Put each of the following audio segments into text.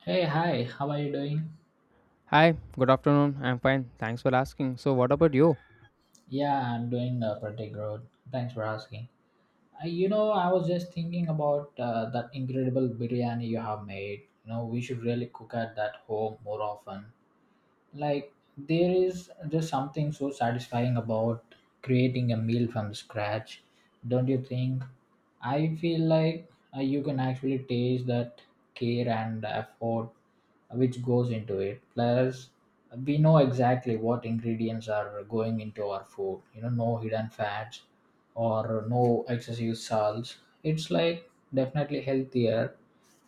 Hey, hi, how are you doing? Hi, good afternoon. I'm fine. Thanks for asking. So, what about you? Yeah, I'm doing pretty good. Thanks for asking. I was just thinking about that incredible biryani you have made. You know, we should really cook at that home more often. Like there is just something so satisfying about creating a meal from scratch, don't you think? I feel like you can actually taste that care and effort which goes into it. Plus, we know exactly what ingredients are going into our food, you know, no hidden fats or no excessive salts. It's like definitely healthier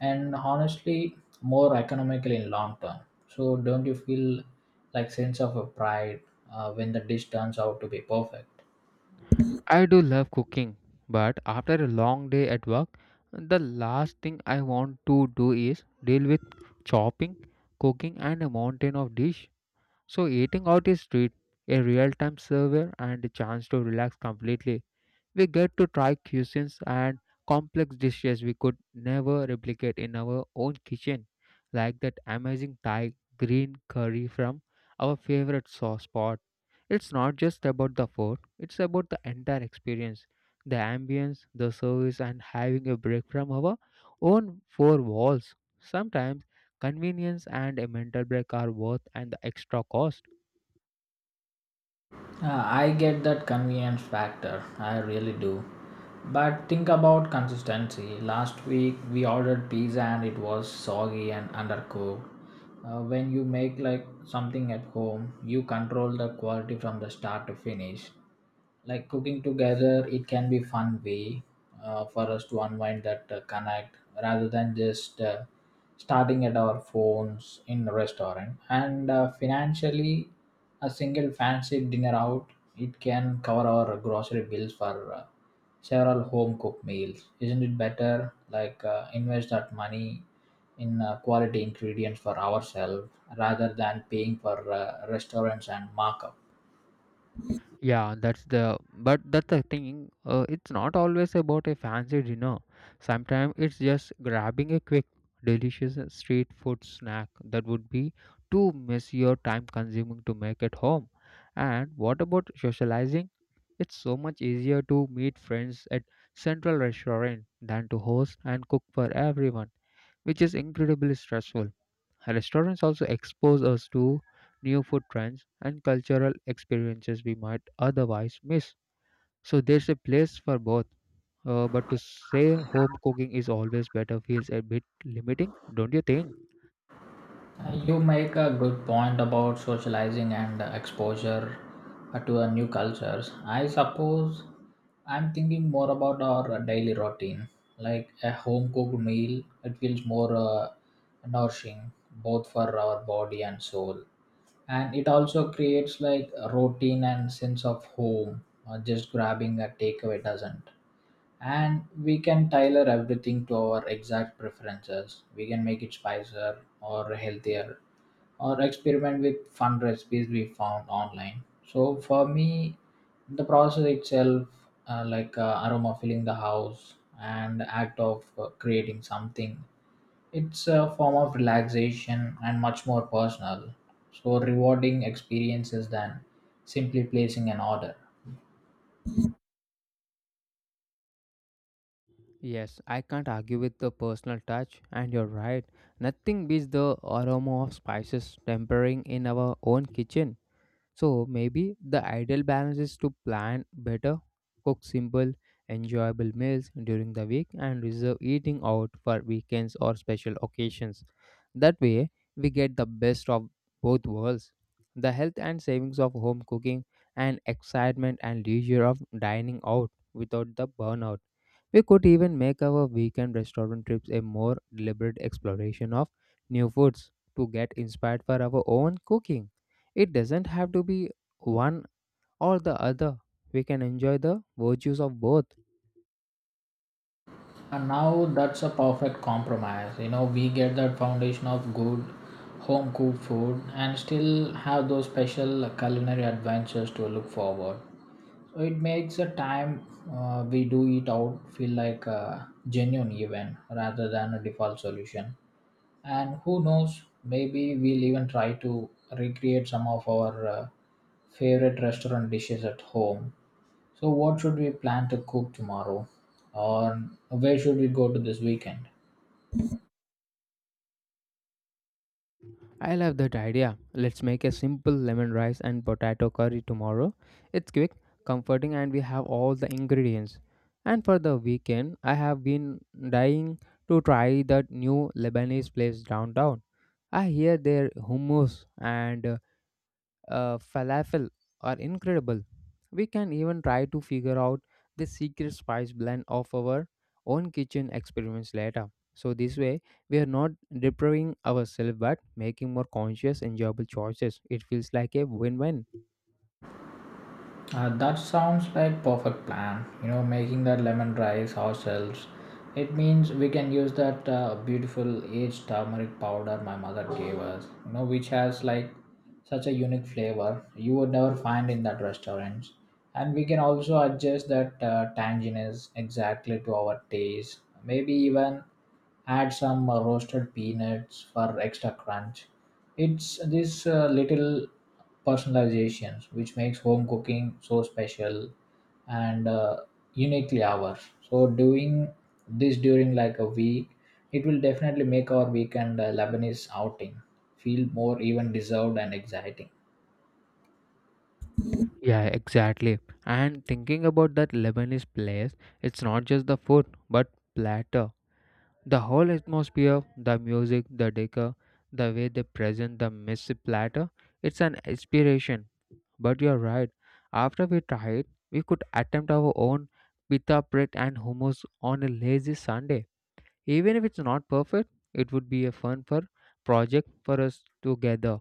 and, honestly, more economical in long term. So don't you feel like sense of a pride when the dish turns out to be perfect. I do love cooking, but after a long day at work, the last thing I want to do is deal with chopping, cooking, and a mountain of dish. So eating out is treat, a real-time server, and a chance to relax completely. We get to try cuisines and complex dishes we could never replicate in our own kitchen, like that amazing Thai green curry from our favorite sauce spot. It's not just about the food, it's about the entire experience the ambience, the service, and having a break from our own four walls. Sometimes convenience and a mental break are worth and the extra cost. I get that convenience factor, I really do. But think about consistency. Last week we ordered pizza and it was soggy and undercooked. When you make like something at home, you control the quality from the start to finish. Like cooking together, it can be fun way for us to unwind that connect rather than just starting at our phones in a restaurant. And financially, a single fancy dinner out, it can cover our grocery bills for several home cooked meals. Isn't it better like invest that money in quality ingredients for ourselves rather than paying for restaurants and markup? Yeah, that's the thing. It's not always about a fancy dinner. Sometimes it's just grabbing a quick, delicious street food snack that would be too messy or time consuming to make at home. And what about socializing? It's so much easier to meet friends at central restaurant than to host and cook for everyone, which is incredibly stressful. Restaurants also expose us to new food trends and cultural experiences we might otherwise miss. So there's a place for both. But to say home cooking is always better feels a bit limiting, don't you think? You make a good point about socializing and exposure to a new cultures. I suppose I'm thinking more about our daily routine, like a home cooked meal. It feels more nourishing both for our body and soul, and it also creates like a routine and sense of home. Just grabbing a takeaway doesn't, and we can tailor everything to our exact preferences. We can make it spicier or healthier or experiment with fun recipes we found online. So for me, the process itself, like aroma filling the house and the act of creating something, it's a form of relaxation and much more personal, so rewarding experiences than simply placing an order. Yes, I can't argue with the personal touch, and you're right. Nothing beats the aroma of spices tempering in our own kitchen. So maybe the ideal balance is to plan better, cook simple, enjoyable meals during the week, and reserve eating out for weekends or special occasions. That way, we get the best of both worlds the health and savings of home cooking, and excitement and leisure of dining out without the burnout. We could even make our weekend restaurant trips a more deliberate exploration of new foods to get inspired for our own cooking. It doesn't have to be one or the other. We can enjoy the virtues of both. And now that's a perfect compromise. You know, we get that foundation of good home cooked food and still have those special culinary adventures to look forward. So it makes the time we do eat out feel like a genuine event rather than a default solution. And who knows, maybe we'll even try to recreate some of our favorite restaurant dishes at home. So, what should we plan to cook tomorrow? Or where should we go to this weekend? I love that idea. Let's make a simple lemon rice and potato curry tomorrow. It's quick, comforting, and we have all the ingredients. And for the weekend, I have been dying to try that new Lebanese place downtown. I hear their hummus and falafel are incredible. We can even try to figure out the secret spice blend of our own kitchen experiments later. So, this way, we are not depriving ourselves but making more conscious, enjoyable choices. It feels like a win win. That sounds like perfect plan. You know, making that lemon rice ourselves, it means we can use that beautiful aged turmeric powder my mother gave us. You know, which has like such a unique flavor you would never find in that restaurants. And we can also adjust that tanginess exactly to our taste. Maybe even add some roasted peanuts for extra crunch. It's this little personalizations which makes home cooking so special and uniquely ours. So doing this during like a week, it will definitely make our weekend Lebanese outing feel more even deserved and exciting. Yeah, exactly. And thinking about that Lebanese place, it's not just the food but platter. The whole atmosphere, the music, the decor, the way they present the messy platter, it's an inspiration. But you're right, after we tried, we could attempt our own pita bread and hummus on a lazy Sunday. Even if it's not perfect, it would be a fun for project for us together.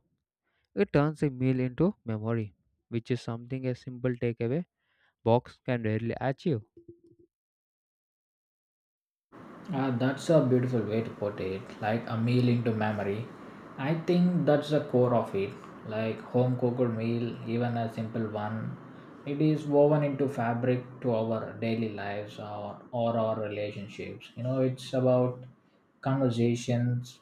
It turns a meal into memory, which is something a simple takeaway box can rarely achieve. That's a beautiful way to put it, like a meal into memory. I think that's the core of it, like home cooked meal, even a simple one. It is woven into fabric to our daily lives or our relationships. You know, it's about conversations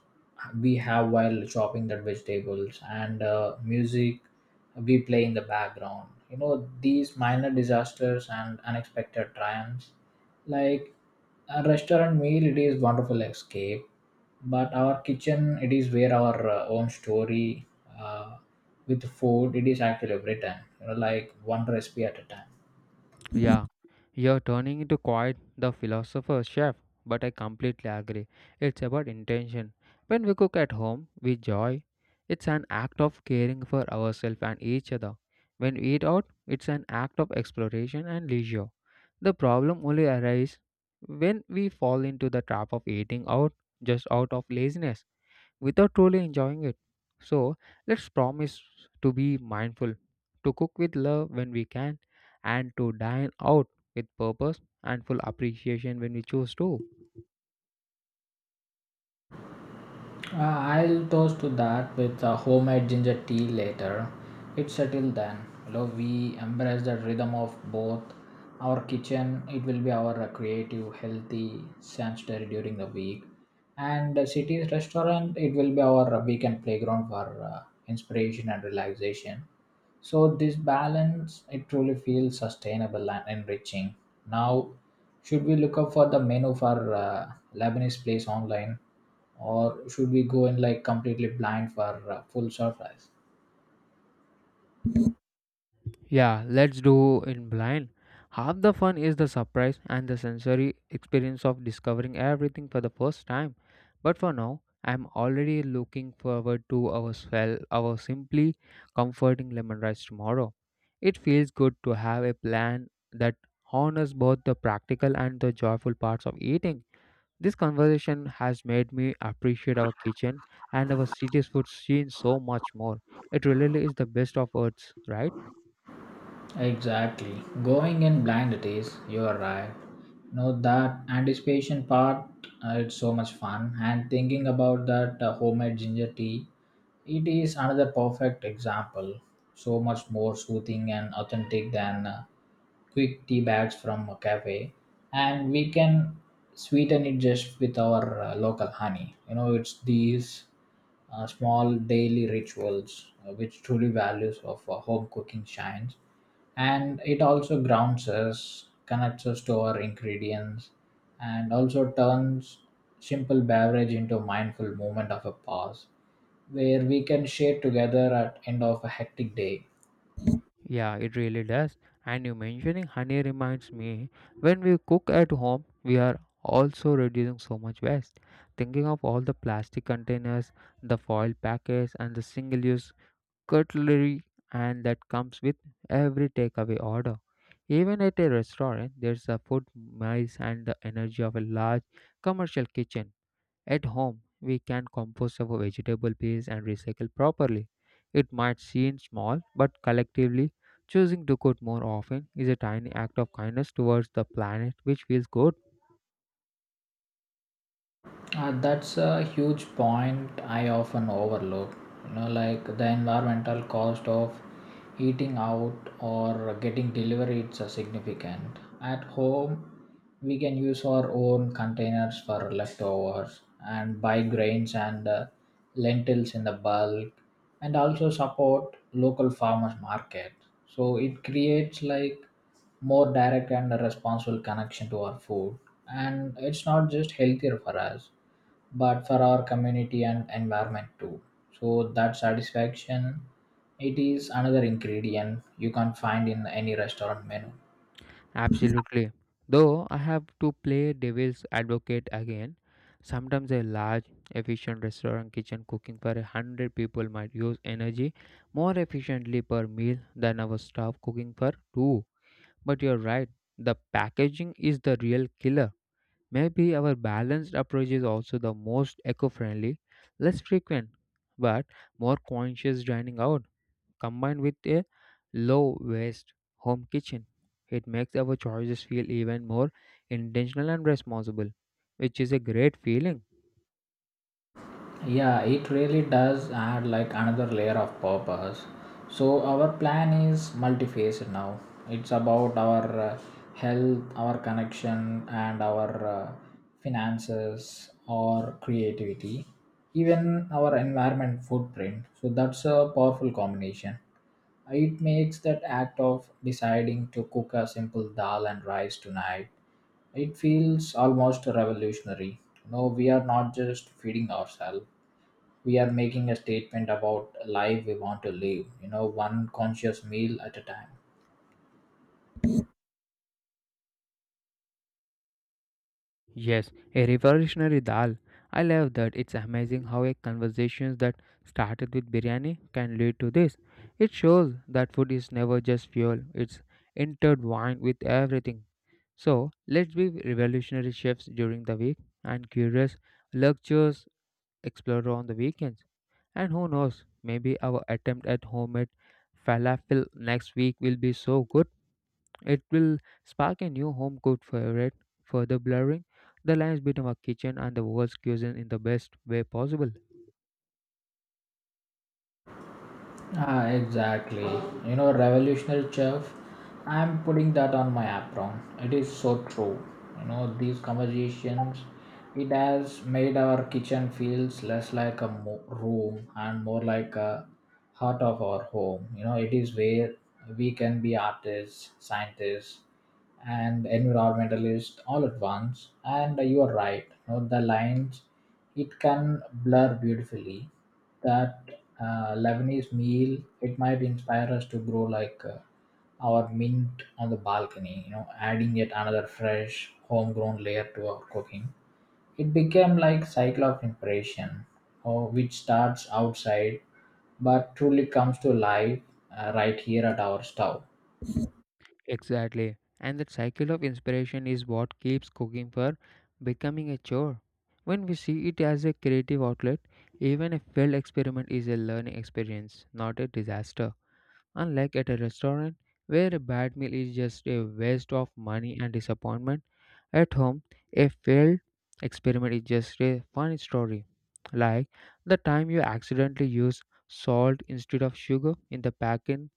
we have while chopping the vegetables and music we play in the background. You know, these minor disasters and unexpected triumphs, like a restaurant meal, it is wonderful escape, but our kitchen, it is where our own story uh, with food it is actually written, you know, like one recipe at a time. Yeah, you're turning into quite the philosopher chef, but I completely agree. It's about intention. When we cook at home with joy, it's an act of caring for ourselves and each other. When we eat out, it's an act of exploration and leisure. The problem only arises when we fall into the trap of eating out just out of laziness without truly enjoying it. So let's promise to be mindful, to cook with love when we can, and to dine out with purpose and full appreciation when we choose to. I'll toast to that with a homemade ginger tea later. It's settled then. Although we embrace the rhythm of both, our kitchen, it will be our creative, healthy sanctuary during the week. And the city's restaurant, it will be our weekend playground for inspiration and relaxation. So this balance, it truly feels sustainable and enriching. Now, should we look up for the menu for Lebanese place online, or should we go in like completely blind for full surprise? Yeah, let's do in blind. Half the fun is the surprise and the sensory experience of discovering everything for the first time. But for now, I'm already looking forward to our swell, our simply comforting lemon rice tomorrow. It feels good to have a plan that honors both the practical and the joyful parts of eating. This conversation has made me appreciate our kitchen and our city's food scene so much more. It really is the best of earths, right? Exactly, going in blind it is. You are right. No, that anticipation part, it's so much fun. And thinking about that homemade ginger tea, it is another perfect example. So much more soothing and authentic than. Quick tea bags from a cafe, and we can sweeten it just with our local honey. You know, it's these small daily rituals which truly values of home cooking shines. And it also grounds us, connects us to our ingredients, and also turns simple beverage into mindful moment of a pause where we can share together at end of a hectic day. Yeah, it really does. And you mentioning honey reminds me when we cook at home, we are also reducing so much waste. Thinking of all the plastic containers, the foil packets, and the single use cutlery, and that comes with every takeaway order. Even at a restaurant, there's a food mice and the energy of a large commercial kitchen. At home, we can compost our vegetable peels and recycle properly. It might seem small, but collectively, choosing to cook more often is a tiny act of kindness towards the planet, which feels good. That's a huge point I often overlook. You know, like the environmental cost of eating out or getting delivery, it's a significant. At home, we can use our own containers for leftovers and buy grains and lentils in the bulk, and also support local farmers market. So it creates like more direct and responsible connection to our food, and it's not just healthier for us but for our community and environment too. So that satisfaction, it is another ingredient you can't find in any restaurant menu. Absolutely. Though I have to play devil's advocate again, sometimes a large, efficient restaurant kitchen cooking for a hundred people might use energy more efficiently per meal than our staff cooking for two. But you're right, the packaging is the real killer. Maybe our balanced approach is also the most eco friendly, less frequent, but more conscious dining out combined with a low waste home kitchen. It makes our choices feel even more intentional and responsible, which is a great feeling. Yeah, it really does add like another layer of purpose. So our plan is multifaceted now. It's about our health, our connection, and our finances or creativity, even our environment footprint. So that's a powerful combination. It makes that act of deciding to cook a simple dal and rice tonight, it feels almost revolutionary. No, we are not just feeding ourselves, we are making a statement about life we want to live, you know, one conscious meal at a time. Yes, a revolutionary dal. I love that. It's amazing how a conversation that started with biryani can lead to this. It shows that food is never just fuel, it's intertwined with everything. So, let's be revolutionary chefs during the week and curious lectures explorer on the weekends. And who knows, maybe our attempt at homemade falafel next week will be so good it will spark a new home cooked favorite, further blurring the lines between our kitchen and the world's cuisine in the best way possible. Ah, exactly. You know, revolutionary chef. I'm putting that on my apron. It is so true. You know, these conversations, it has made our kitchen feels less like a room and more like a heart of our home. You know, it is where we can be artists, scientists, and environmentalists all at once. And you are right. You know, the lines, it can blur beautifully. That Lebanese meal, it might inspire us to grow like our mint on the balcony, you know, adding yet another fresh homegrown layer to our cooking. It became like cycle of inspiration, or which starts outside but truly comes to life right here at our stove. Exactly. And that cycle of inspiration is what keeps cooking for becoming a chore. When we see it as a creative outlet, even a failed experiment is a learning experience, not a disaster. Unlike at a restaurant where a bad meal is just a waste of money and disappointment, at home a failed experiment is just a fun story. Like the time you accidentally used salt instead of sugar in the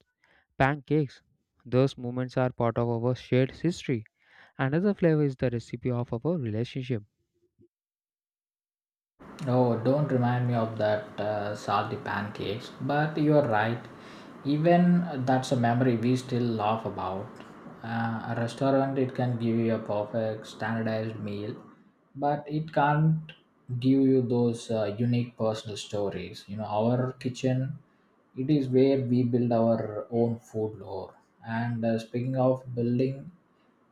pancakes. Those moments are part of our shared history. Another flavor is the recipe of our relationship. Oh, don't remind me of that salty pancakes. But you're right. Even that's a memory we still laugh about. A restaurant, it can give you a perfect standardized meal, but it can't give you those unique personal stories. You know, our kitchen, it is where we build our own food lore. And speaking of building,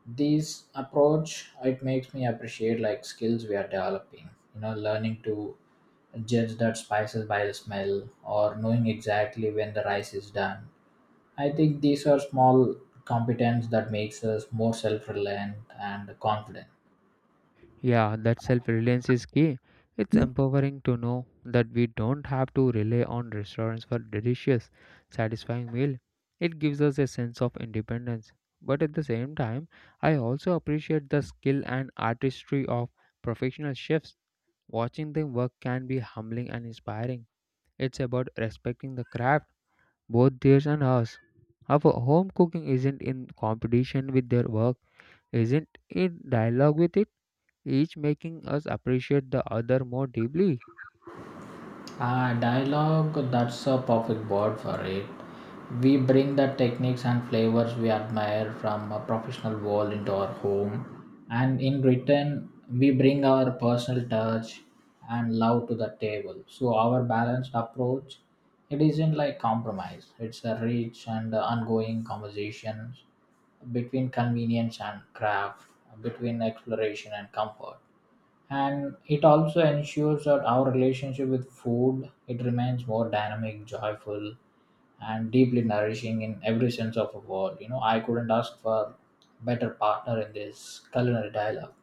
this approach, it makes me appreciate like skills we are developing. You know, learning to judge that spices by the smell or knowing exactly when the rice is done, I think these are small competence that makes us more self-reliant and confident. Yeah, that self reliance is key. It's empowering to know that we don't have to rely on restaurants for delicious, satisfying meal. It gives us a sense of independence. But at the same time, I also appreciate the skill and artistry of professional chefs. Watching them work can be humbling and inspiring. It's about respecting the craft, both theirs and ours. Our home cooking isn't in competition with their work, isn't in dialogue with it each making us appreciate the other more deeply. Ah, dialogue, that's a perfect word for it. We bring the techniques and flavors we admire from a professional world into our home, and in return, we bring our personal touch and love to the table. So, our balanced approach, it isn't like compromise, it's a rich and ongoing conversation between convenience and craft, between exploration and comfort. And it also ensures that our relationship with food, it remains more dynamic, joyful, and deeply nourishing in every sense of a word. You know, I couldn't ask for better partner in this culinary dialogue.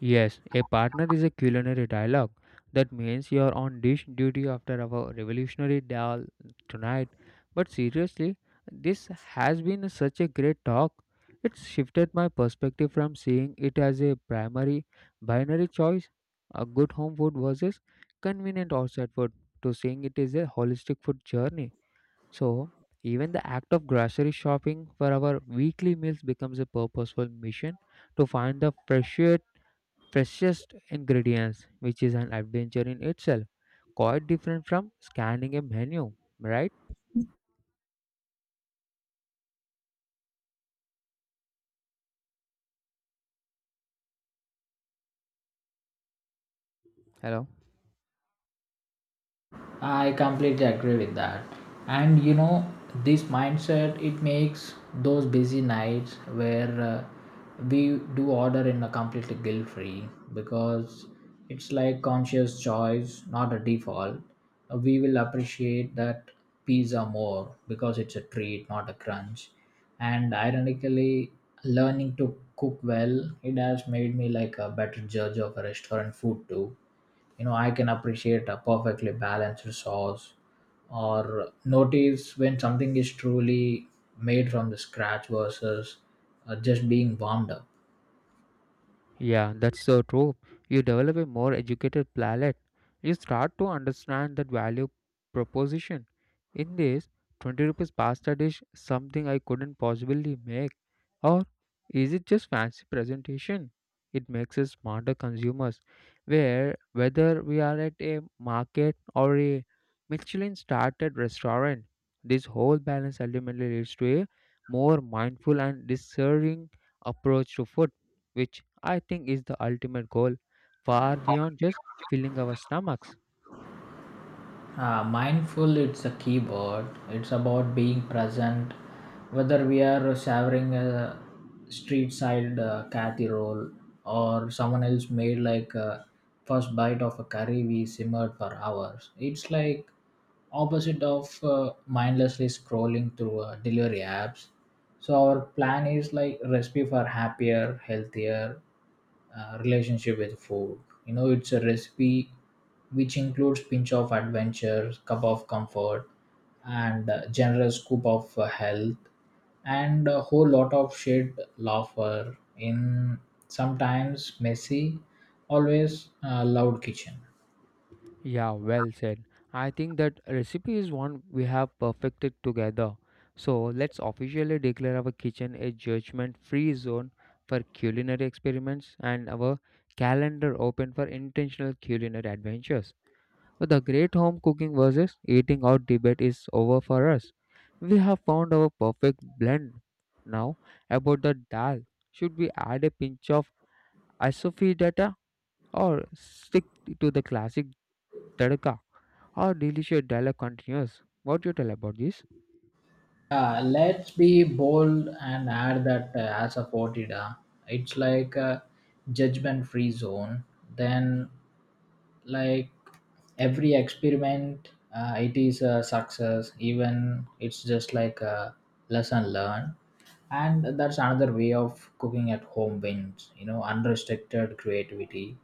Yes, a partner is a culinary dialogue. That means you are on dish duty after our revolutionary dal tonight. But seriously, this has been such a great talk. It's shifted my perspective from seeing it as a primary binary choice, a good home food versus convenient outside food, to seeing it as a holistic food journey. So, even the act of grocery shopping for our weekly meals becomes a purposeful mission to find the freshest ingredients, which is an adventure in itself, quite different from scanning a menu, right? Hello. I completely agree with that. And you know, this mindset, it makes those busy nights where we do order in a completely guilt free, because it's like conscious choice, not a default. We will appreciate that pizza more because it's a treat, not a crunch. And ironically, learning to cook well, it has made me like a better judge of a restaurant food too. You know, I can appreciate a perfectly balanced sauce or notice when something is truly made from the scratch versus just being warmed up. Yeah, that's so true. You develop a more educated palate. You start to understand that value proposition. In this, 20 rupees pasta dish something I couldn't possibly make? Or is it just fancy presentation? It makes us smarter consumers. Where whether we are at a market or a Michelin started restaurant, this whole balance ultimately leads to a more mindful and discerning approach to food which I think is the ultimate goal, far beyond just filling our stomachs. Mindful, it's a keyword. It's about being present, whether we are savoring a street side cathy roll or someone else made like a first bite of a curry we simmered for hours. It's like opposite of mindlessly scrolling through delivery apps. So our plan is like recipe for happier, healthier relationship with food. You know, it's a recipe which includes pinch of adventure, cup of comfort, and generous scoop of health, and a whole lot of shared laughter in sometimes messy, always loud kitchen. Yeah, well said. I think that recipe is one we have perfected together. So let's officially declare our kitchen a judgment free zone for culinary experiments and our calendar open for intentional culinary adventures. The great home cooking versus eating out debate is over for us. We have found our perfect blend. Now, about the dal, should we add a pinch of asafoetida or stick to the classic tadka. Our delicious dialogue continues? What you tell about this? Let's be bold and add that as a Fortida, it's like a judgment free zone. Then, like, every experiment, it is a success, even it's just like a lesson learned, and that's another way of cooking at home wins. You know, unrestricted creativity.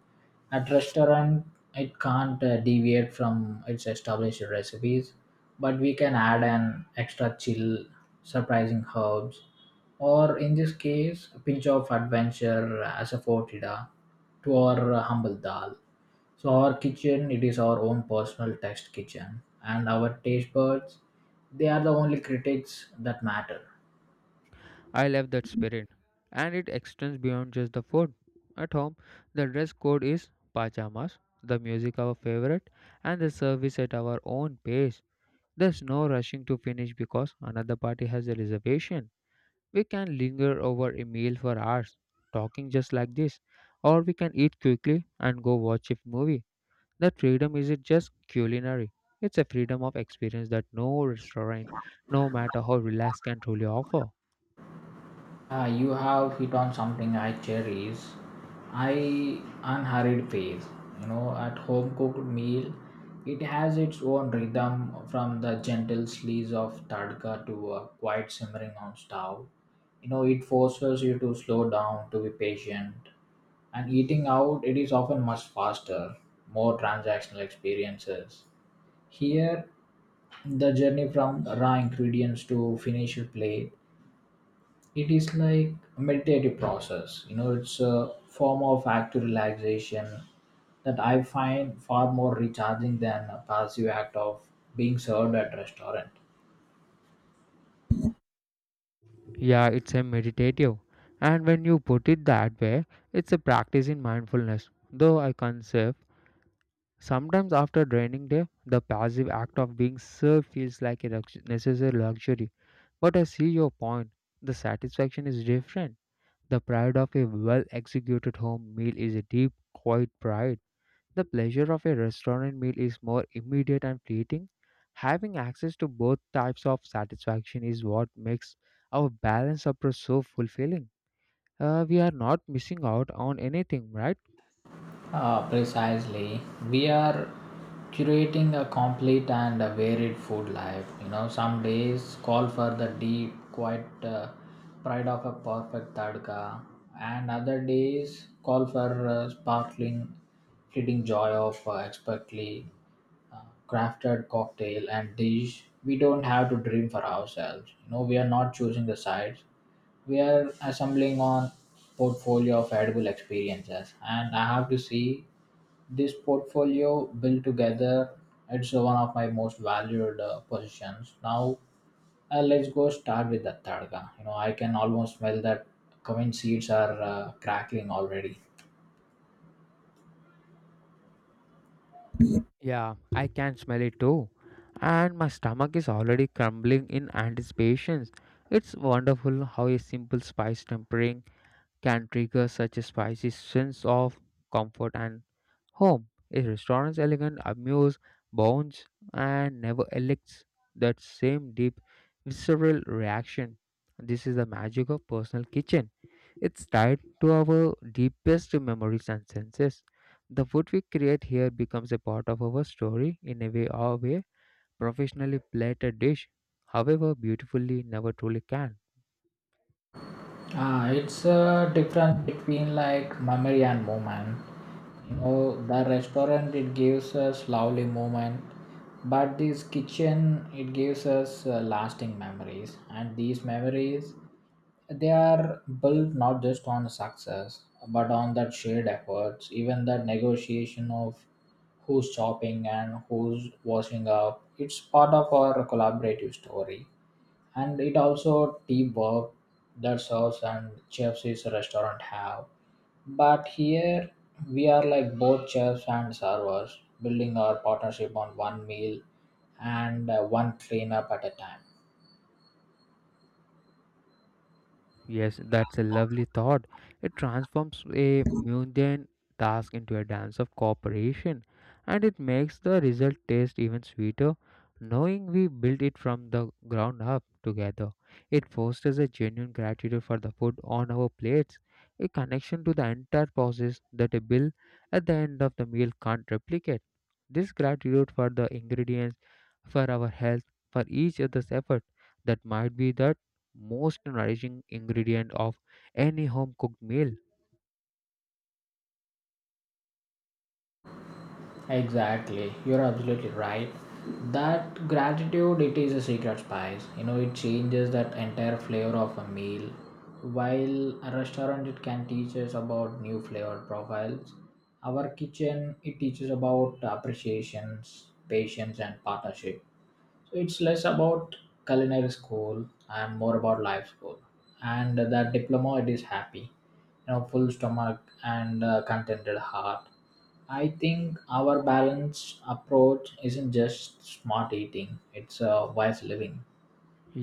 At restaurant, it can't deviate from its established recipes, but we can add an extra chill, surprising herbs, or in this case a pinch of adventure as a fortida to our humble dal. So our kitchen, it is our own personal test kitchen, and our taste buds, they are the only critics that matter. I love that spirit, and it extends beyond just the food. At home, the dress code is pajamas, the music our favorite, and the service at our own pace. There's no rushing to finish because another party has a reservation. We can linger over a meal for hours, talking just like this, or we can eat quickly and go watch a movie. That freedom isn't just culinary, it's a freedom of experience that no restaurant, no matter how relaxed, can truly offer. Ah, you have hit on something I cherish. I unhurried phase. You know, at home cooked meal, it has its own rhythm from the gentle slice of tadka to a quiet simmering on stove. You know, it forces you to slow down, to be patient, and eating out it is often much faster, more transactional experiences. Here, the journey from raw ingredients to finish your plate, it is like a meditative process. You know, it's a form of active relaxation that I find far more recharging than a passive act of being served at restaurant. Yeah, it's a meditative. And when you put it that way, it's a practice in mindfulness. Though I can't say sometimes after draining day, the passive act of being served feels like a necessary luxury. But I see your point. The satisfaction is different. The pride of a well executed home meal is a deep, quiet pride. The pleasure of a restaurant meal is more immediate and fleeting. Having access to both types of satisfaction is what makes our balanced approach so fulfilling. We are not missing out on anything, right? Precisely. We are curating a complete and a varied food life. You know, some days call for the deep, quiet pride of a perfect tadka, and other days call for sparkling, fleeting joy of expertly uh, crafted cocktail and dish. We don't have to dream for ourselves. You know, we are not choosing the sides. We are assembling on portfolio of edible experiences, and I have to see this portfolio built together, it's one of my most valued positions. Now, let's go start with the targa. You know, I can almost smell that cumin seeds are crackling already. Yeah, I can smell it too. And my stomach is already crumbling in anticipations. It's wonderful how a simple spice tempering can trigger such a spicy sense of comfort and home. A restaurant's elegant amuse bounds and never elicits that same deep visceral reaction. This is the magic of personal kitchen. It's tied to our deepest memories and senses. The food we create here becomes a part of our story in a way our way professionally plated dish, however beautifully, never truly can. Ah, it's a difference between like memory and moment. You know, the restaurant it gives us lovely moment, but this kitchen it gives us lasting memories, and these memories they are built not just on success but on that shared efforts, even that negotiation of who's shopping and who's washing up. It's part of our collaborative story, and it also teamwork that serves and chefs is a restaurant have, but here we are like both chefs and servers building our partnership on one meal and one cleanup at a time. Yes, that's a lovely thought. It transforms a mundane task into a dance of cooperation and it makes the result taste even sweeter knowing we built it from the ground up together. It fosters a genuine gratitude for the food on our plates, a connection to the entire process that a bill at the end of the meal can't replicate. This gratitude for the ingredients, for our health, for each other's effort that might be that most nourishing ingredient of any home cooked meal. Exactly, you're absolutely right. That gratitude, it is a secret spice. You know, it changes that entire flavor of a meal. While a restaurant, it can teach us about new flavor profiles. Our kitchen, it teaches about appreciations, patience, and partnership. So it's less about culinary school and more about life school, and that diploma, it is happy, you know, full stomach and contented heart. I think our balanced approach isn't just smart eating, it's a wise living.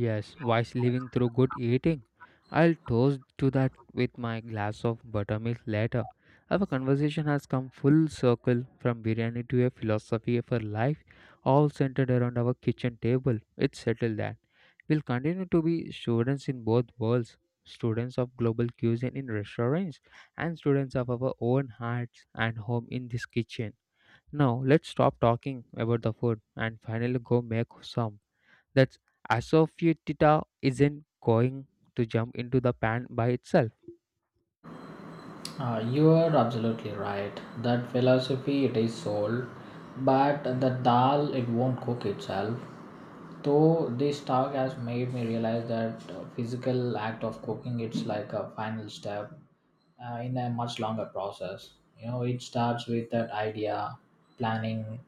Yes, wise living through good eating. I'll toast to that with my glass of buttermilk later. Our conversation has come full circle from biryani to a philosophy for life, all centered around our kitchen table. It's settled that. We'll continue to be students in both worlds students of global cuisine in restaurants and students of our own hearts and home in this kitchen. Now let's stop talking about the food and finally go make some. That's asofoetida isn't going to jump into the pan by itself. You are absolutely right. That philosophy it is sold, but the dal it won't cook itself. Though this talk has made me realize that physical act of cooking it's like a final step in a much longer process. You know, it starts with that idea, planning,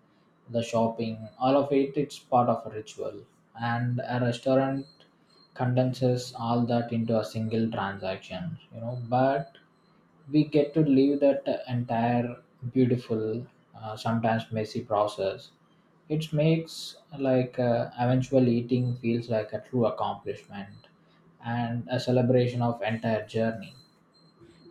the shopping, all of it. It's part of a ritual, and a restaurant condenses all that into a single transaction. You know, but we get to live that entire beautiful, sometimes messy process. It makes like eventual eating feels like a true accomplishment and a celebration of entire journey.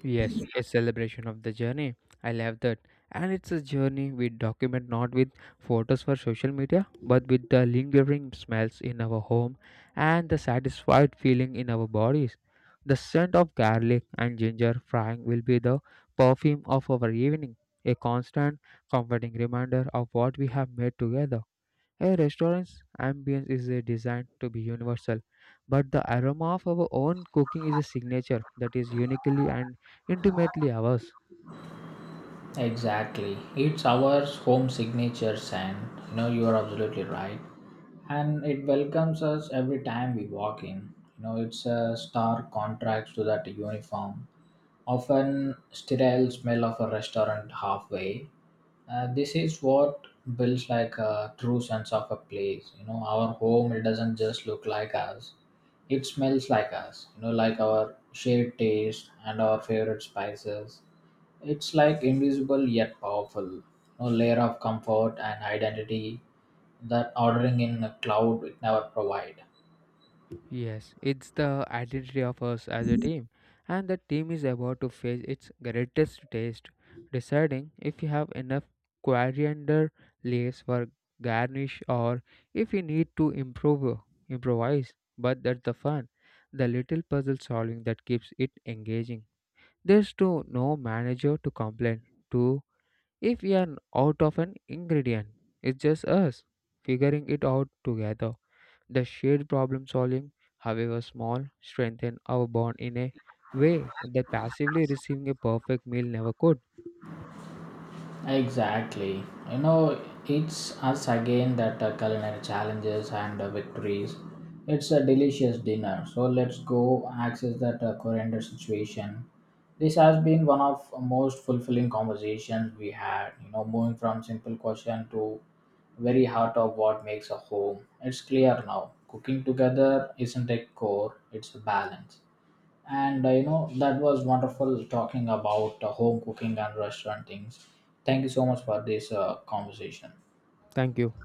Yes, a celebration of the journey. I love that. And it's a journey we document not with photos for social media, but with the lingering smells in our home and the satisfied feeling in our bodies. The scent of garlic and ginger frying will be the perfume of our evening, a constant, comforting reminder of what we have made together. A restaurant's ambience is designed to be universal, but the aroma of our own cooking is a signature that is uniquely and intimately ours. Exactly, it's our home signatures. And you know, you are absolutely right, and it welcomes us every time we walk in. You know, it's a stark contrast to that uniform, often sterile smell of a restaurant halfway. This is what builds like a true sense of a place. You know, our home it doesn't just look like us; it smells like us. You know, like our shared taste and our favorite spices. It's like invisible yet powerful. You know, layer of comfort and identity that ordering in a cloud it never provide. Yes, it's the identity of us as a team, and the team is about to face its greatest taste, deciding if you have enough coriander leaves for garnish or if you need to improve improvise. But that's the fun, the little puzzle solving that keeps it engaging. There's to no manager to complain to if we are out of an ingredient. It's just us figuring it out together. The shared problem solving, however small, strengthen our bond in a way that passively receiving a perfect meal never could. Exactly. You know, it's us again that culinary challenges and victories. It's a delicious dinner. So let's go access that coriander situation. This has been one of most fulfilling conversations we had. You know, moving from simple question to very heart of what makes a home. It's clear now. Cooking together isn't a core; it's a balance. And you know, that was wonderful talking about home cooking and restaurant things. Thank you so much for this conversation. Thank you.